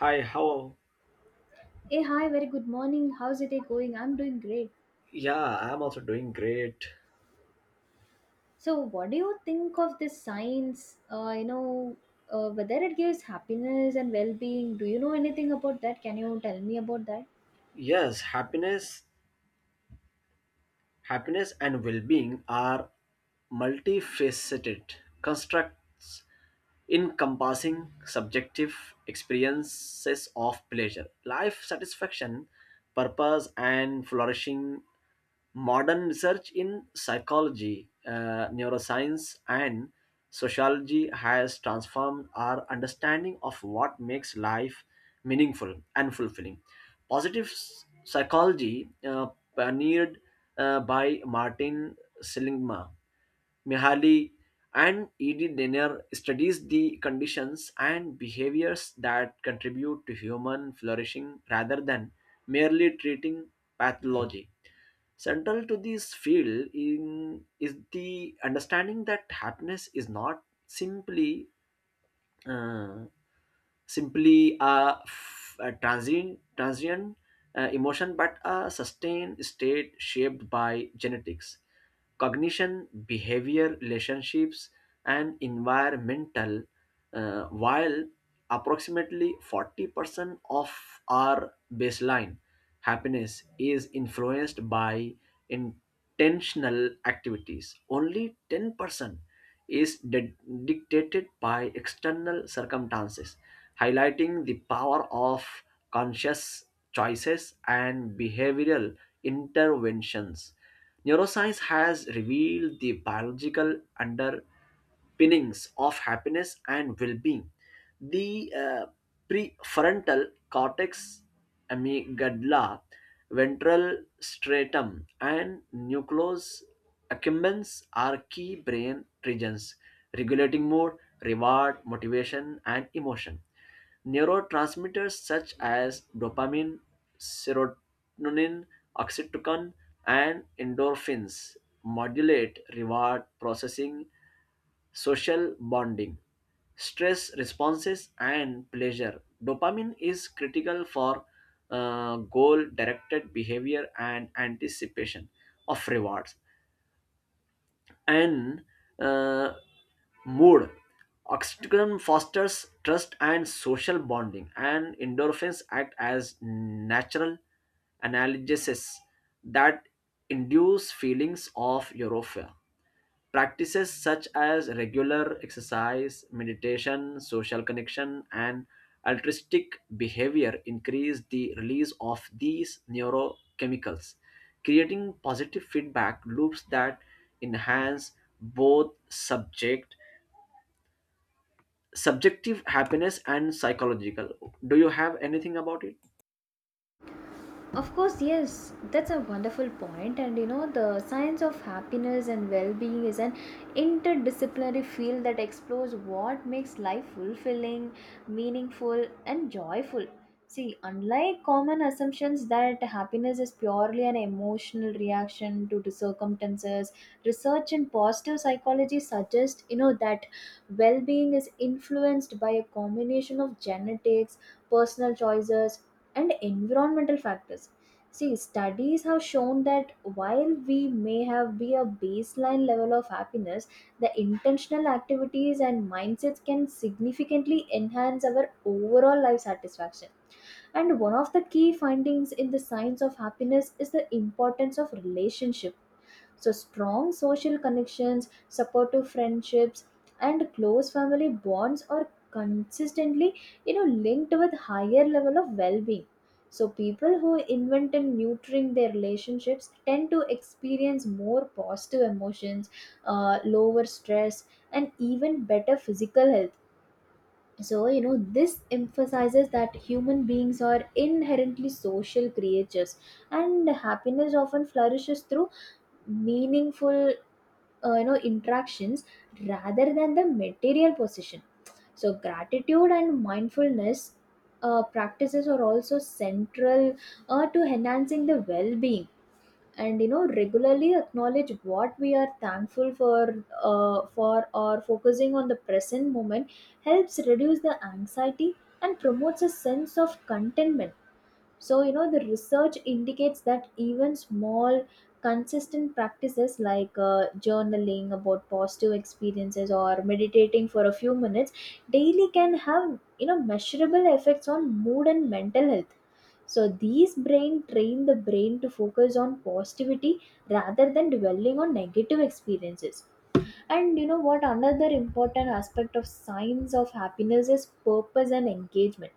Hi, how? Hey, hi, very good morning. How's the day going? I'm doing great. Yeah, I'm also doing great. So, what do you think of this science, whether it gives happiness and well being? Do you know anything about that? Can you tell me about that? Yes. Happiness and well being are multifaceted constructs, encompassing subjective experiences of pleasure, life satisfaction, purpose, and flourishing. Modern research in psychology, neuroscience, and sociology has transformed our understanding of what makes life meaningful and fulfilling. Psychology, pioneered by Martin Seligman, Mihaly, and Edith Denner, studies the conditions and behaviors that contribute to human flourishing rather than merely treating pathology. Central to this field in, is the understanding that happiness is not simply uh, simply a, f- a transient emotion, but a sustained state shaped by genetics, cognition, behavior, relationships, and environmental. While approximately 40% of our baseline happiness is influenced by intentional activities, only 10% is de- dictated by external circumstances, highlighting the power of conscious choices and behavioral interventions. Neuroscience has revealed the biological underpinnings of happiness and well being. The prefrontal cortex, amygdala, ventral stratum, and nucleus accumbens are key brain regions regulating mood, reward, motivation, and emotion. Neurotransmitters such as dopamine, serotonin, oxytocin, and endorphins modulate reward processing, social bonding, stress responses, and pleasure. Dopamine is critical for goal directed behavior and anticipation of rewards. And uh, Mood Oxytocin fosters trust and social bonding, and endorphins act as natural analgesics that induce feelings of euphoria. Practices such as regular exercise, meditation, social connection, and altruistic behavior increase the release of these neurochemicals, creating positive feedback loops that enhance both subjective happiness and psychological. Do you have anything about it? Of course, yes, that's a wonderful point. And the science of happiness and well being is an interdisciplinary field that explores what makes life fulfilling, meaningful, and joyful. See, unlike common assumptions that happiness is purely an emotional reaction to the circumstances, research in positive psychology suggests, that well-being is influenced by a combination of genetics, personal choices, and environmental factors. See, studies have shown that while we may have be a baseline level of happiness, the intentional activities and mindsets can significantly enhance our overall life satisfaction. And one of the key findings in the science of happiness is the importance of relationship. So, strong social connections, supportive friendships, and close family bonds are consistently, linked with higher level of well-being. So, people who invent and nurturing their relationships tend to experience more positive emotions, lower stress, and even better physical health. So, this emphasizes that human beings are inherently social creatures and happiness often flourishes through meaningful interactions rather than the material possession. So, gratitude and mindfulness practices are also central to enhancing the well-being. And regularly acknowledge what we are thankful for or focusing on the present moment helps reduce the anxiety and promotes a sense of contentment. So, the research indicates that even small, consistent practices like journaling about positive experiences or meditating for a few minutes daily can have, measurable effects on mood and mental health. So, these brain train the brain to focus on positivity rather than dwelling on negative experiences. And you know what, another important aspect of signs of happiness is purpose and engagement.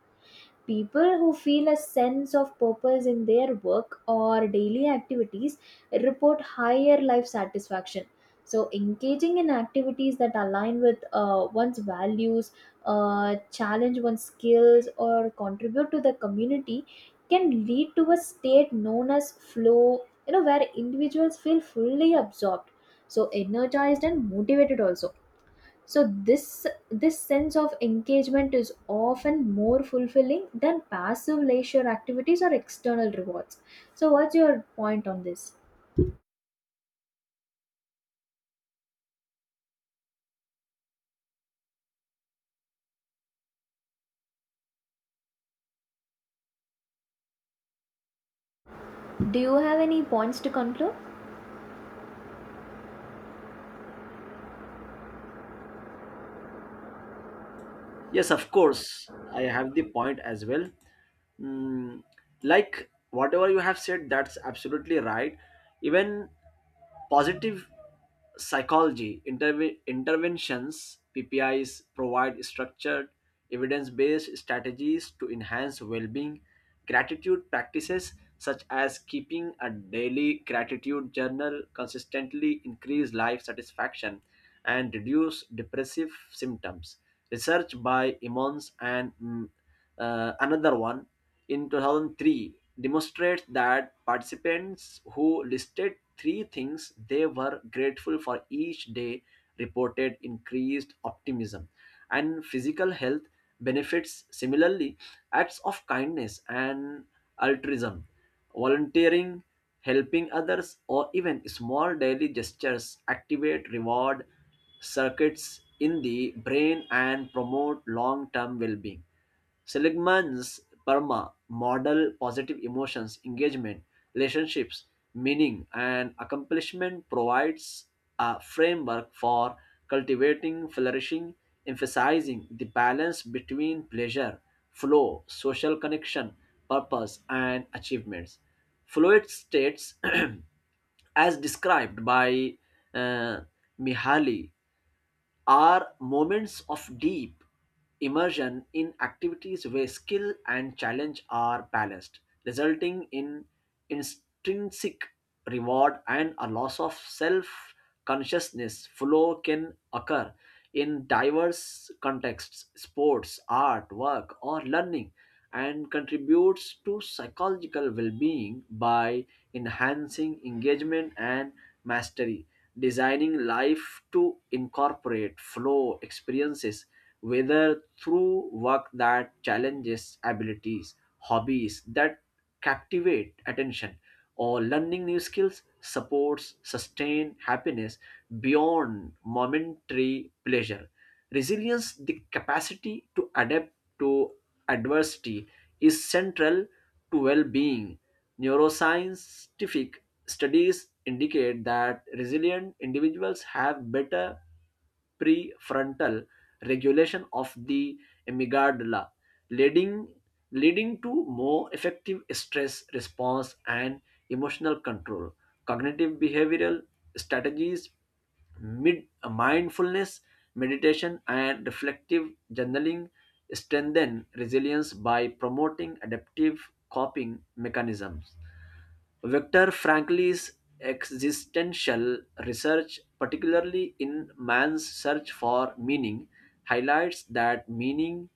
People who feel a sense of purpose in their work or daily activities report higher life satisfaction. So, engaging in activities that align with one's values, challenge one's skills, or contribute to the community can lead to a state known as flow, where individuals feel fully absorbed. So, energized and motivated also. So, this sense of engagement is often more fulfilling than passive leisure activities or external rewards. So, what's your point on this? Do you have any points to conclude? Yes, of course, I have the point as well. Mm, like whatever you have said, that's absolutely right. Even positive psychology interventions, PPIs, provide structured, evidence-based strategies to enhance well-being. Gratitude practices such as keeping a daily gratitude journal consistently increase life satisfaction and reduce depressive symptoms. Research by Emmons and another one in 2003 demonstrates that participants who listed three things they were grateful for each day reported increased optimism and physical health benefits. Similarly, acts of kindness and altruism, volunteering, helping others, or even small daily gestures activate reward circuits in the brain and promote long-term well-being. Seligman's Perma model, positive emotions, engagement, relationships, meaning, and accomplishment, provides a framework for cultivating flourishing, emphasizing the balance between pleasure, flow, social connection, purpose, and achievements. Fluid states, as described by uh, Mihaly, are moments of deep immersion in activities where skill and challenge are balanced, resulting in intrinsic reward and a loss of self consciousness. Flow can occur in diverse contexts: sports, art, work, or learning, and contributes to psychological well-being by enhancing engagement and mastery. Designing life to incorporate flow experiences, whether through work that challenges abilities, hobbies that captivate attention, or learning new skills, supports sustained happiness beyond momentary pleasure. Resilience, the capacity to adapt to adversity, is central to well being. Neuroscientific studies indicate that resilient individuals have better prefrontal regulation of the amygdala, leading, leading to more effective stress response and emotional control. Cognitive behavioral strategies, mindfulness, meditation, and reflective journaling strengthen resilience by promoting adaptive coping mechanisms. Victor Frankl's existential research, particularly in Man's Search for Meaning, highlights that meaning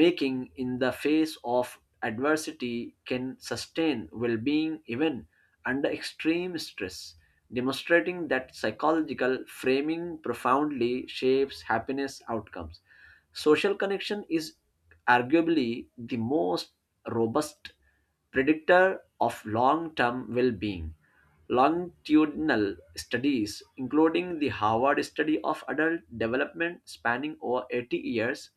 making in the face of adversity can sustain well being even under extreme stress, demonstrating that psychological framing profoundly shapes happiness outcomes. Social connection is arguably the most robust predictor of long-term well-being. Longitudinal studies, including the Harvard Study of Adult Development spanning over 80 years,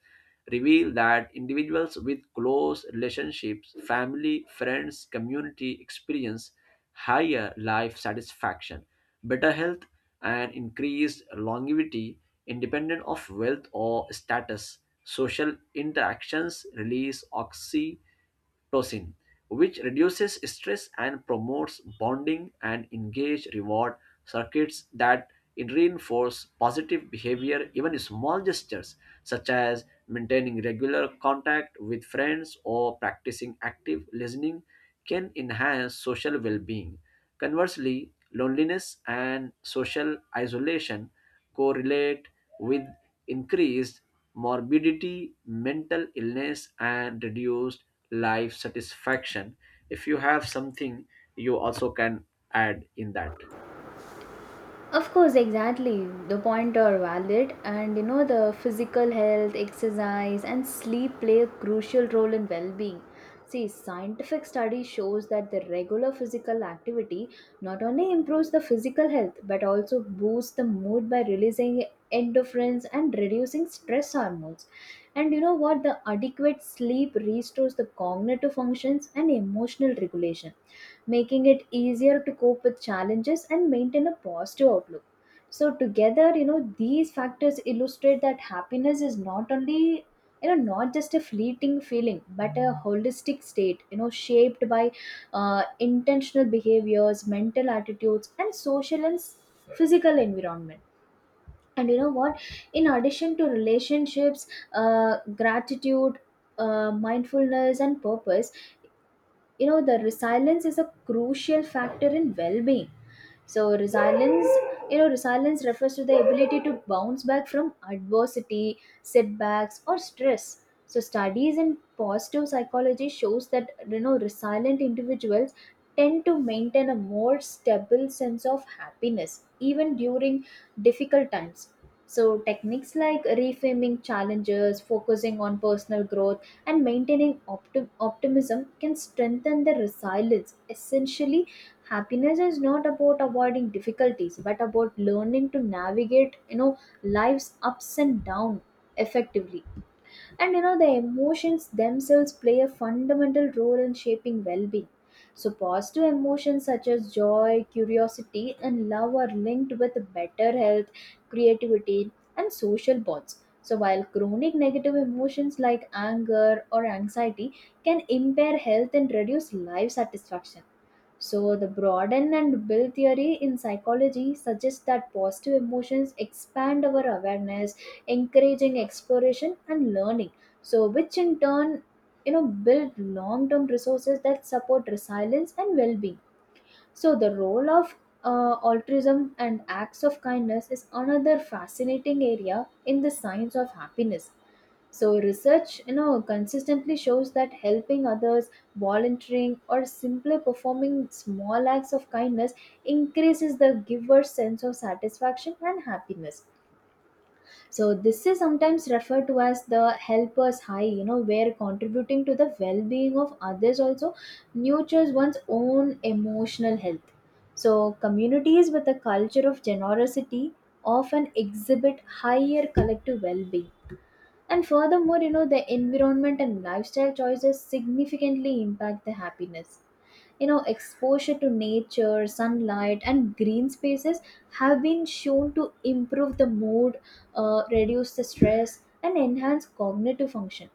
reveal that individuals with close relationships, family, friends, community, experience higher life satisfaction, better health, and increased longevity independent of wealth or status. Social interactions release oxytocin, which reduces stress and promotes bonding, and engage reward circuits that reinforce positive behavior. Even small gestures, such as maintaining regular contact with friends or practicing active listening, can enhance social well being. Conversely, loneliness and social isolation correlate with increased morbidity, mental illness, and reduced life satisfaction. If you have something, you also can add in that. Of course, exactly. The point are valid, and the physical health, exercise, and sleep play a crucial role in well-being. See, scientific study shows that the regular physical activity not only improves the physical health but also boosts the mood by releasing endorphins and reducing stress hormones. And you know what? The adequate sleep restores the cognitive functions and emotional regulation, making it easier to cope with challenges and maintain a positive outlook. So, together, these factors illustrate that happiness is not only, not just a fleeting feeling, but a holistic state, shaped by intentional behaviors, mental attitudes, and social and physical environment. And you know what? In addition to relationships, uh, gratitude, mindfulness, and purpose, the resilience is a crucial factor in well being. So, resilience, resilience refers to the ability to bounce back from adversity, setbacks, or stress. So, studies in positive psychology shows that resilient individuals tend to maintain a more stable sense of happiness even during difficult times. So, techniques like reframing challenges, focusing on personal growth, and maintaining optimism can strengthen the resilience. Essentially, happiness is not about avoiding difficulties but about learning to navigate, life's ups and downs effectively. And the emotions themselves play a fundamental role in shaping well-being. So, positive emotions such as joy, curiosity, and love are linked with better health, creativity, and social bonds, so while chronic negative emotions like anger or anxiety can impair health and reduce life satisfaction. So, the broaden and build theory in psychology suggests that positive emotions expand our awareness, encouraging exploration and learning. So, which in turn, build long term resources that support resilience and well being. So, the role of altruism and acts of kindness is another fascinating area in the science of happiness. So, research, consistently shows that helping others, volunteering, or simply performing small acts of kindness increases the giver's sense of satisfaction and happiness. So, this is sometimes referred to as the helper's high, where contributing to the well-being of others also nurtures one's own emotional health. So, communities with a culture of generosity often exhibit higher collective well-being. And furthermore, the environment and lifestyle choices significantly impact the happiness. Exposure to nature, sunlight, and green spaces have been shown to improve the mood, reduce the stress, and enhance cognitive function.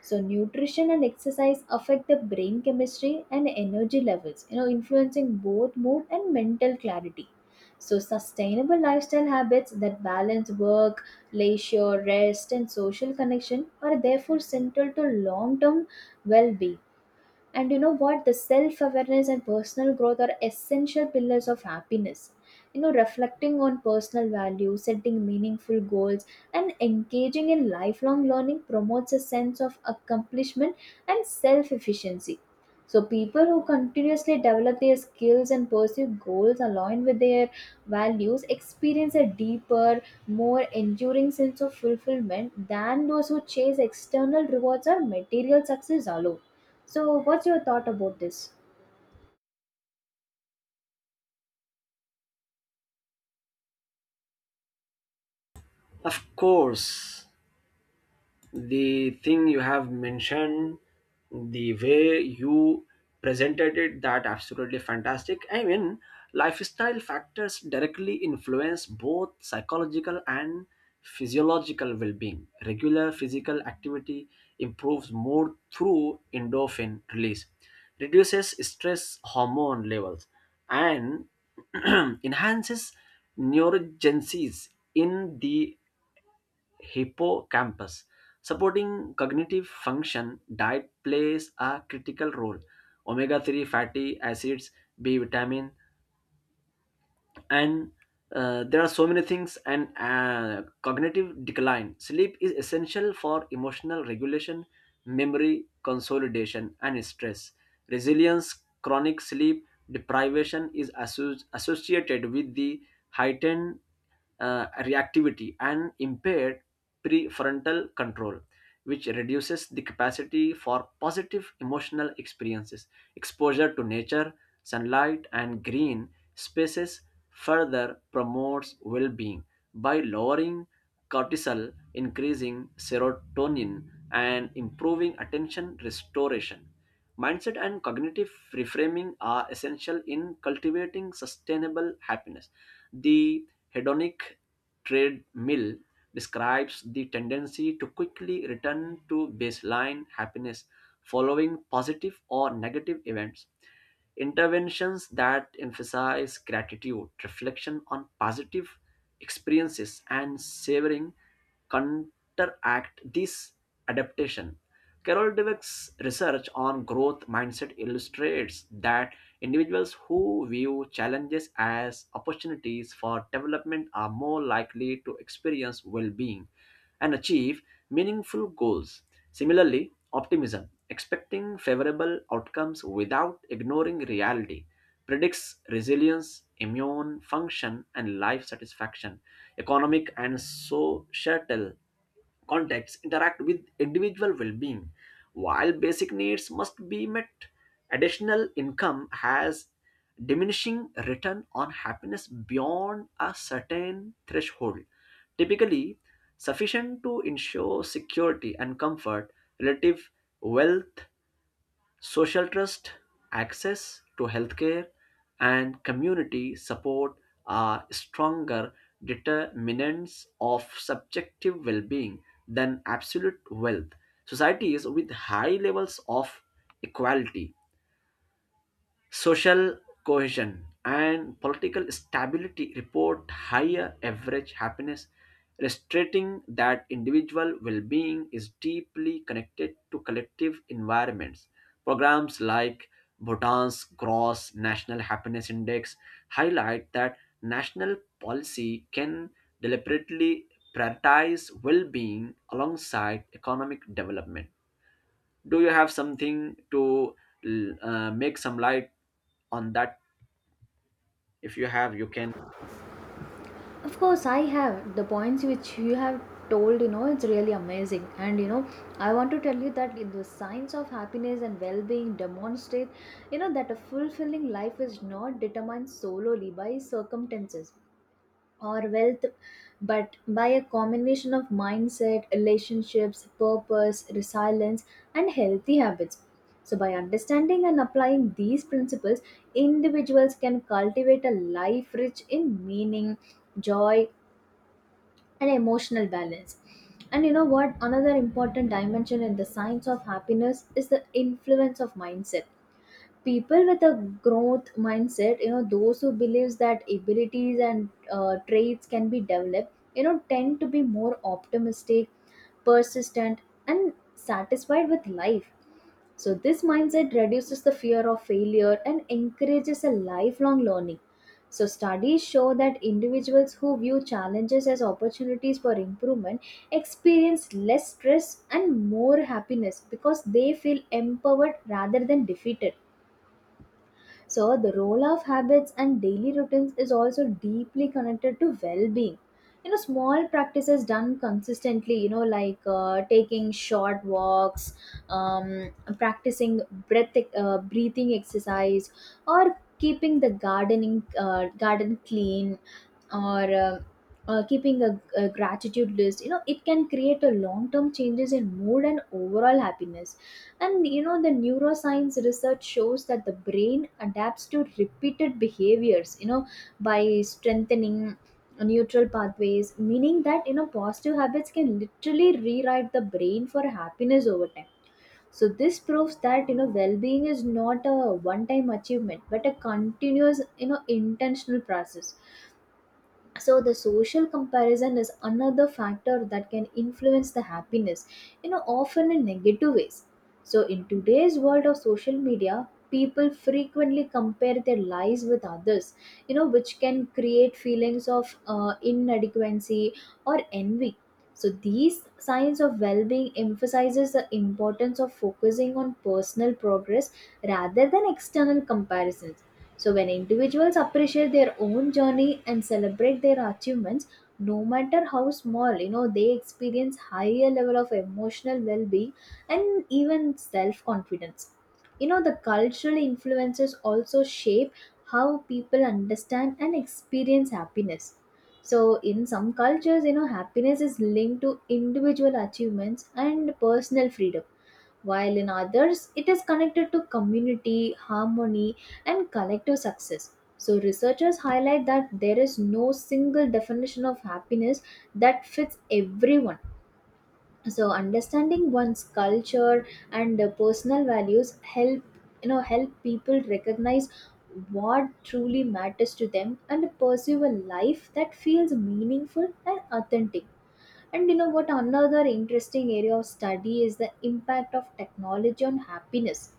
So, nutrition and exercise affect the brain chemistry and energy levels, influencing both mood and mental clarity. So, sustainable lifestyle habits that balance work, leisure, rest, and social connection are therefore central to long-term well-being. And you know what? The self awareness and personal growth are essential pillars of happiness. Reflecting on personal values, setting meaningful goals, and engaging in lifelong learning promotes a sense of accomplishment and self efficiency. So, people who continuously develop their skills and pursue goals aligned with their values experience a deeper, more enduring sense of fulfillment than those who chase external rewards or material success alone. So, what's your thought about this? Of course, the thing you have mentioned, the way you presented it, that absolutely fantastic. I mean, lifestyle factors directly influence both psychological and physiological well-being. Regular physical activity improves mood through endorphin release, reduces stress hormone levels, and enhances neurogenesis in the hippocampus, supporting cognitive function. Diet plays a critical role. Omega 3 fatty acids, B vitamin, and there are so many things, and cognitive decline. Sleep is essential for emotional regulation, memory consolidation, and stress resilience. Chronic sleep deprivation is associated with the heightened reactivity and impaired prefrontal control, which reduces the capacity for positive emotional experiences. Exposure to nature, sunlight, and green spaces further promotes well being by lowering cortisol, increasing serotonin, and improving attention restoration. Mindset and cognitive reframing are essential in cultivating sustainable happiness. The hedonic treadmill describes the tendency to quickly return to baseline happiness following positive or negative events. Interventions that emphasize gratitude, reflection on positive experiences, and savoring counteract this adaptation. Carol Dweck's research on growth mindset illustrates that individuals who view challenges as opportunities for development are more likely to experience well being and achieve meaningful goals. Similarly, optimism, expecting favorable outcomes without ignoring reality, predicts resilience, immune function, and life satisfaction. Economic and societal contexts interact with individual well-being. While basic needs must be met, additional income has diminishing return on happiness beyond a certain threshold, typically sufficient to ensure security and comfort. Relative wealth, social trust, access to healthcare, and community support are stronger determinants of subjective well being than absolute wealth. Societies with high levels of equality, social cohesion, and political stability report higher average happiness, illustrating that individual well being is deeply connected to collective environments. Programs like Bhutan's Gross National Happiness Index highlight that national policy can deliberately prioritize well being alongside economic development. Do you have something to make some light on that? If you have, you can. Of course, I have the points which you have told, it's really amazing. And, I want to tell you that in the signs of happiness and well being demonstrate, that a fulfilling life is not determined solely by circumstances or wealth, but by a combination of mindset, relationships, purpose, resilience, and healthy habits. So, by understanding and applying these principles, individuals can cultivate a life rich in meaning, joy, and emotional balance. And you know what? Another important dimension in the science of happiness is the influence of mindset. People with a growth mindset, those who believes that abilities and traits can be developed, tend to be more optimistic, persistent, and satisfied with life. So, this mindset reduces the fear of failure and encourages a lifelong learning. So, studies show that individuals who view challenges as opportunities for improvement experience less stress and more happiness because they feel empowered rather than defeated. So, the role of habits and daily routines is also deeply connected to well being. Small practices done consistently, like taking short walks, um, practicing breathing exercise, or keeping the garden clean, or keeping a gratitude list. It can create a long term changes in mood and overall happiness. And the neuroscience research shows that the brain adapts to repeated behaviors, by strengthening neutral pathways, meaning that, positive habits can literally rewrite the brain for happiness over time. So, this proves that, well being is not a one time achievement, but a continuous, intentional process. So, the social comparison is another factor that can influence the happiness, often in negative ways. So, in today's world of social media, people frequently compare their lives with others, which can create feelings of inadequacy or envy. So, these signs of well-being emphasizes the importance of focusing on personal progress rather than external comparisons. So, when individuals appreciate their own journey and celebrate their achievements, no matter how small, they experience higher level of emotional well-being and even self-confidence. The cultural influences also shape how people understand and experience happiness. So, in some cultures, happiness is linked to individual achievements and personal freedom while in others it is connected to community, harmony, and collective success. So, researchers highlight that there is no single definition of happiness that fits everyone. So, understanding one's culture and personal values help you know help people recognize what truly matters to them and pursue a life that feels meaningful and authentic. And you know what? Another interesting area of study is the impact of technology on happiness.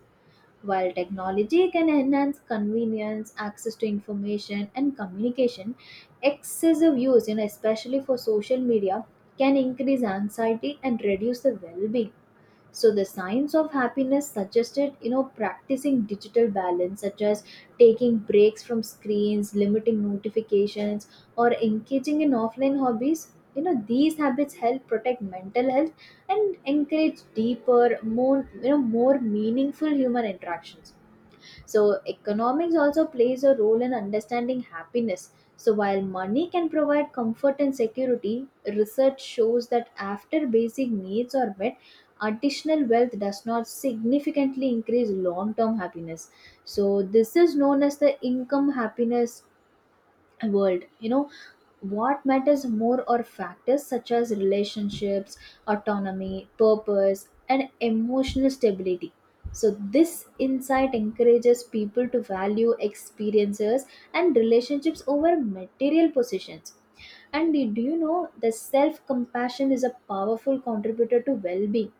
While technology can enhance convenience, access to information, and communication, excessive use, especially for social media, can increase anxiety and reduce the well being. So, the science of happiness suggested, practicing digital balance such as taking breaks from screens, limiting notifications, or engaging in offline hobbies. These habits help protect mental health and encourage deeper, more meaningful human interactions. So, economics also plays a role in understanding happiness. So, while money can provide comfort and security, research shows that after basic needs are met, additional wealth does not significantly increase long term happiness. So, this is known as the income happiness world. You know what matters more are factors such as relationships, autonomy, purpose, and emotional stability. So this insight encourages people to value experiences and relationships over material possessions. And do you know the self compassion is a powerful contributor to well being.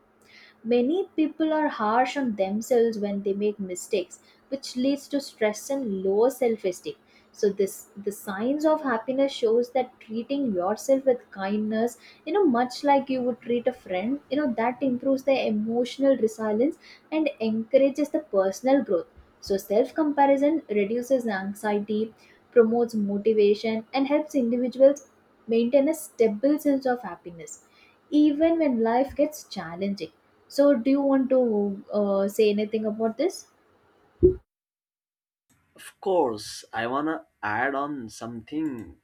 Many people are harsh on themselves when they make mistakes, which leads to stress and low self-esteem. So this the signs of happiness shows that treating yourself with kindness, you know, much like you would treat a friend, you know, that improves their emotional resilience and encourages the personal growth. So self-comparison reduces anxiety, promotes motivation, and helps individuals maintain a stable sense of happiness even when life gets challenging. So, do you want to say anything about this? Of course, I wanna add on something.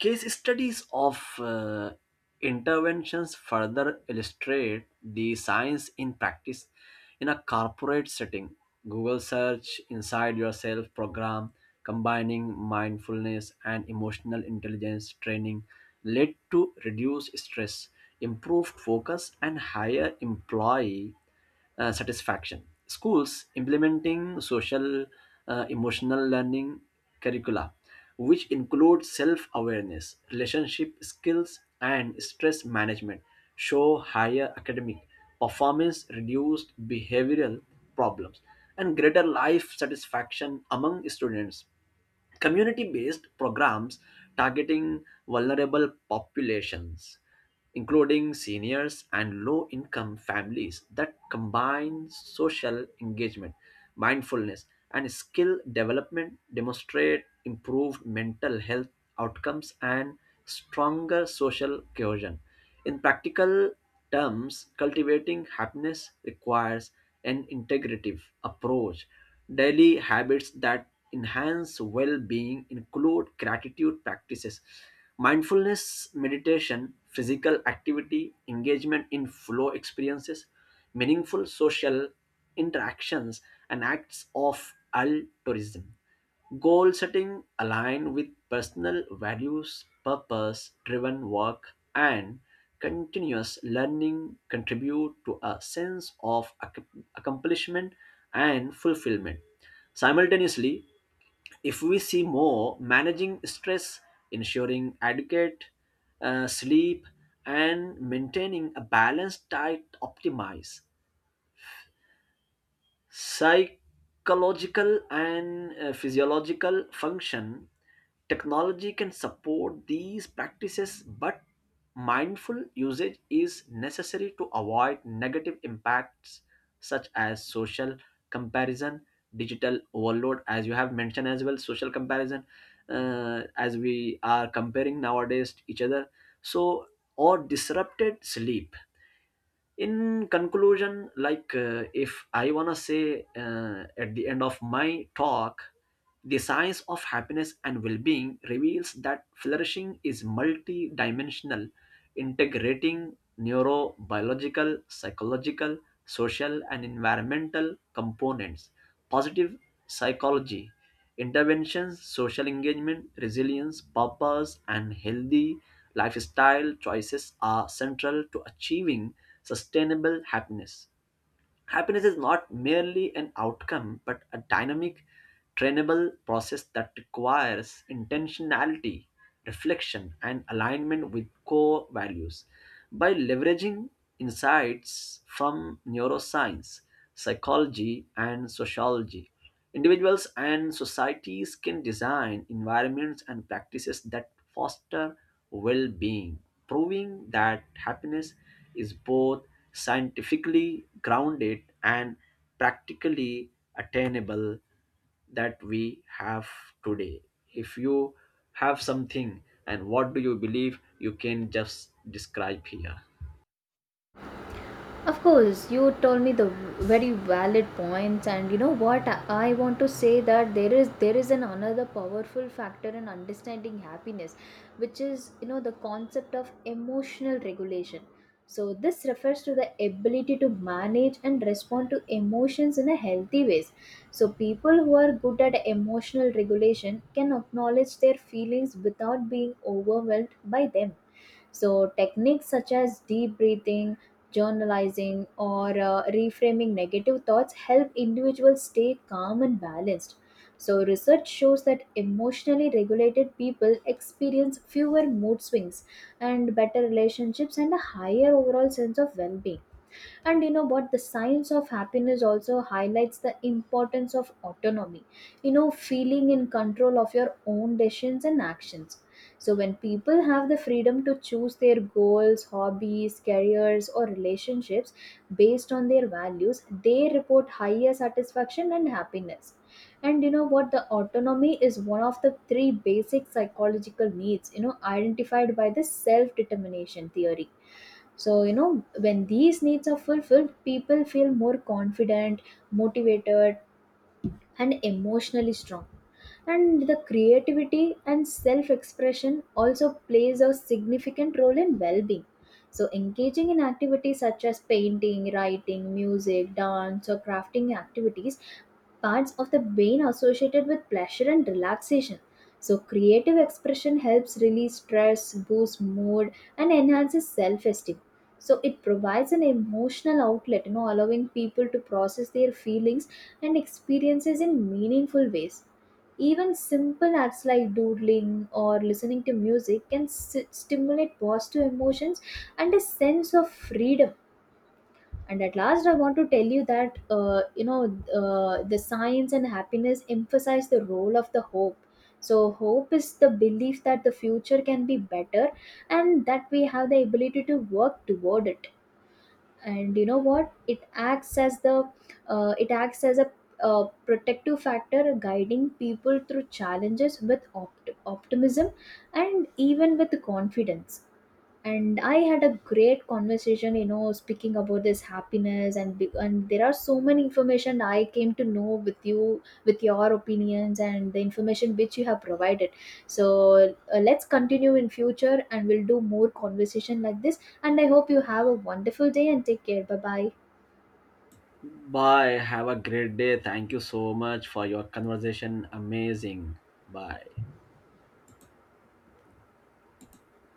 Case studies of interventions further illustrate the science in practice. In a corporate setting, Google search inside yourself program, combining mindfulness and emotional intelligence training, led to reduced stress, improved focus, and higher employee satisfaction. Schools implementing social emotional learning curricula, which include self awareness, relationship skills, and stress management, show higher academic performance, reduced behavioral problems, and greater life satisfaction among students. Community based programs targeting vulnerable populations, including seniors and low income families, that combine social engagement, mindfulness, and skill development demonstrate improved mental health outcomes and stronger social cohesion. In practical terms, cultivating happiness requires an integrative approach. Daily habits that enhance well being include gratitude practices, mindfulness, meditation, physical activity, engagement in flow experiences, meaningful social interactions, and acts of altruism. Goal setting aligned with personal values, purpose driven work, and continuous learning contribute to a sense of accomplishment and fulfillment. Simultaneously, if we see more, managing stress, ensuring adequate sleep, and maintaining a balanced diet optimize psychological and physiological function. Technology can support these practices, but mindful usage is necessary to avoid negative impacts such as social comparison, digital overload. As you have mentioned as well, social comparison, as we are comparing nowadays to each other, so, or disrupted sleep. In conclusion, if I want to say, at the end of my talk, the science of happiness and well-being reveals that flourishing is multi-dimensional, integrating neurobiological, psychological, social, and environmental components. Positive psychology interventions, social engagement, resilience, purpose, and healthy lifestyle choices are central to achieving sustainable happiness. Happiness is not merely an outcome but a dynamic, trainable process that requires intentionality, reflection, and alignment with core values. By leveraging insights from neuroscience, psychology, and sociology, individuals and societies can design environments and practices that foster well being, proving that happiness is both scientifically grounded and practically attainable. That we have today. If you have something and what do you believe, you can just describe here. Of course, you told me the very valid points, and you know what, I want to say that there is an another powerful factor in understanding happiness, which is, you know, the concept of emotional regulation. So this refers to the ability to manage and respond to emotions in a healthy ways. So people who are good at emotional regulation can acknowledge their feelings without being overwhelmed by them. So, techniques such as deep breathing, journalizing, or reframing negative thoughts help individuals stay calm and balanced. So, research shows that emotionally regulated people experience fewer mood swings and better relationships and a higher overall sense of well being. And you know what, the science of happiness also highlights the importance of autonomy, you know, feeling in control of your own decisions and actions. So when people have the freedom to choose their goals, hobbies, careers, or relationships based on their values, they report higher satisfaction and happiness. And you know what, the autonomy is one of the three basic psychological needs, you know, identified by the self determination theory. So you know when these needs are fulfilled, people feel more confident, motivated, and emotionally strong. And the creativity and self expression also plays a significant role in well being. So engaging in activities such as painting, writing, music, dance, or crafting activities parts of the brain associated with pleasure and relaxation. So, creative expression helps release stress, boost mood, and enhances self esteem. So, it provides an emotional outlet, you know, allowing people to process their feelings and experiences in meaningful ways. Even simple acts like doodling or listening to music can stimulate positive emotions and a sense of freedom. And at last, I want to tell you that, the science and happiness emphasize the role of the hope. So hope is the belief that the future can be better and that we have the ability to work toward it. And you know what, it acts as a protective factor, guiding people through challenges with optimism and even with confidence. And I had a great conversation, you know, speaking about this happiness and there are so many information I came to know with you, with your opinions and the information which you have provided. So, let's continue in future and we'll do more conversation like this, and I hope you have a wonderful day and take care. Bye bye. Bye. Have a great day. Thank you so much for your conversation. Amazing. Bye.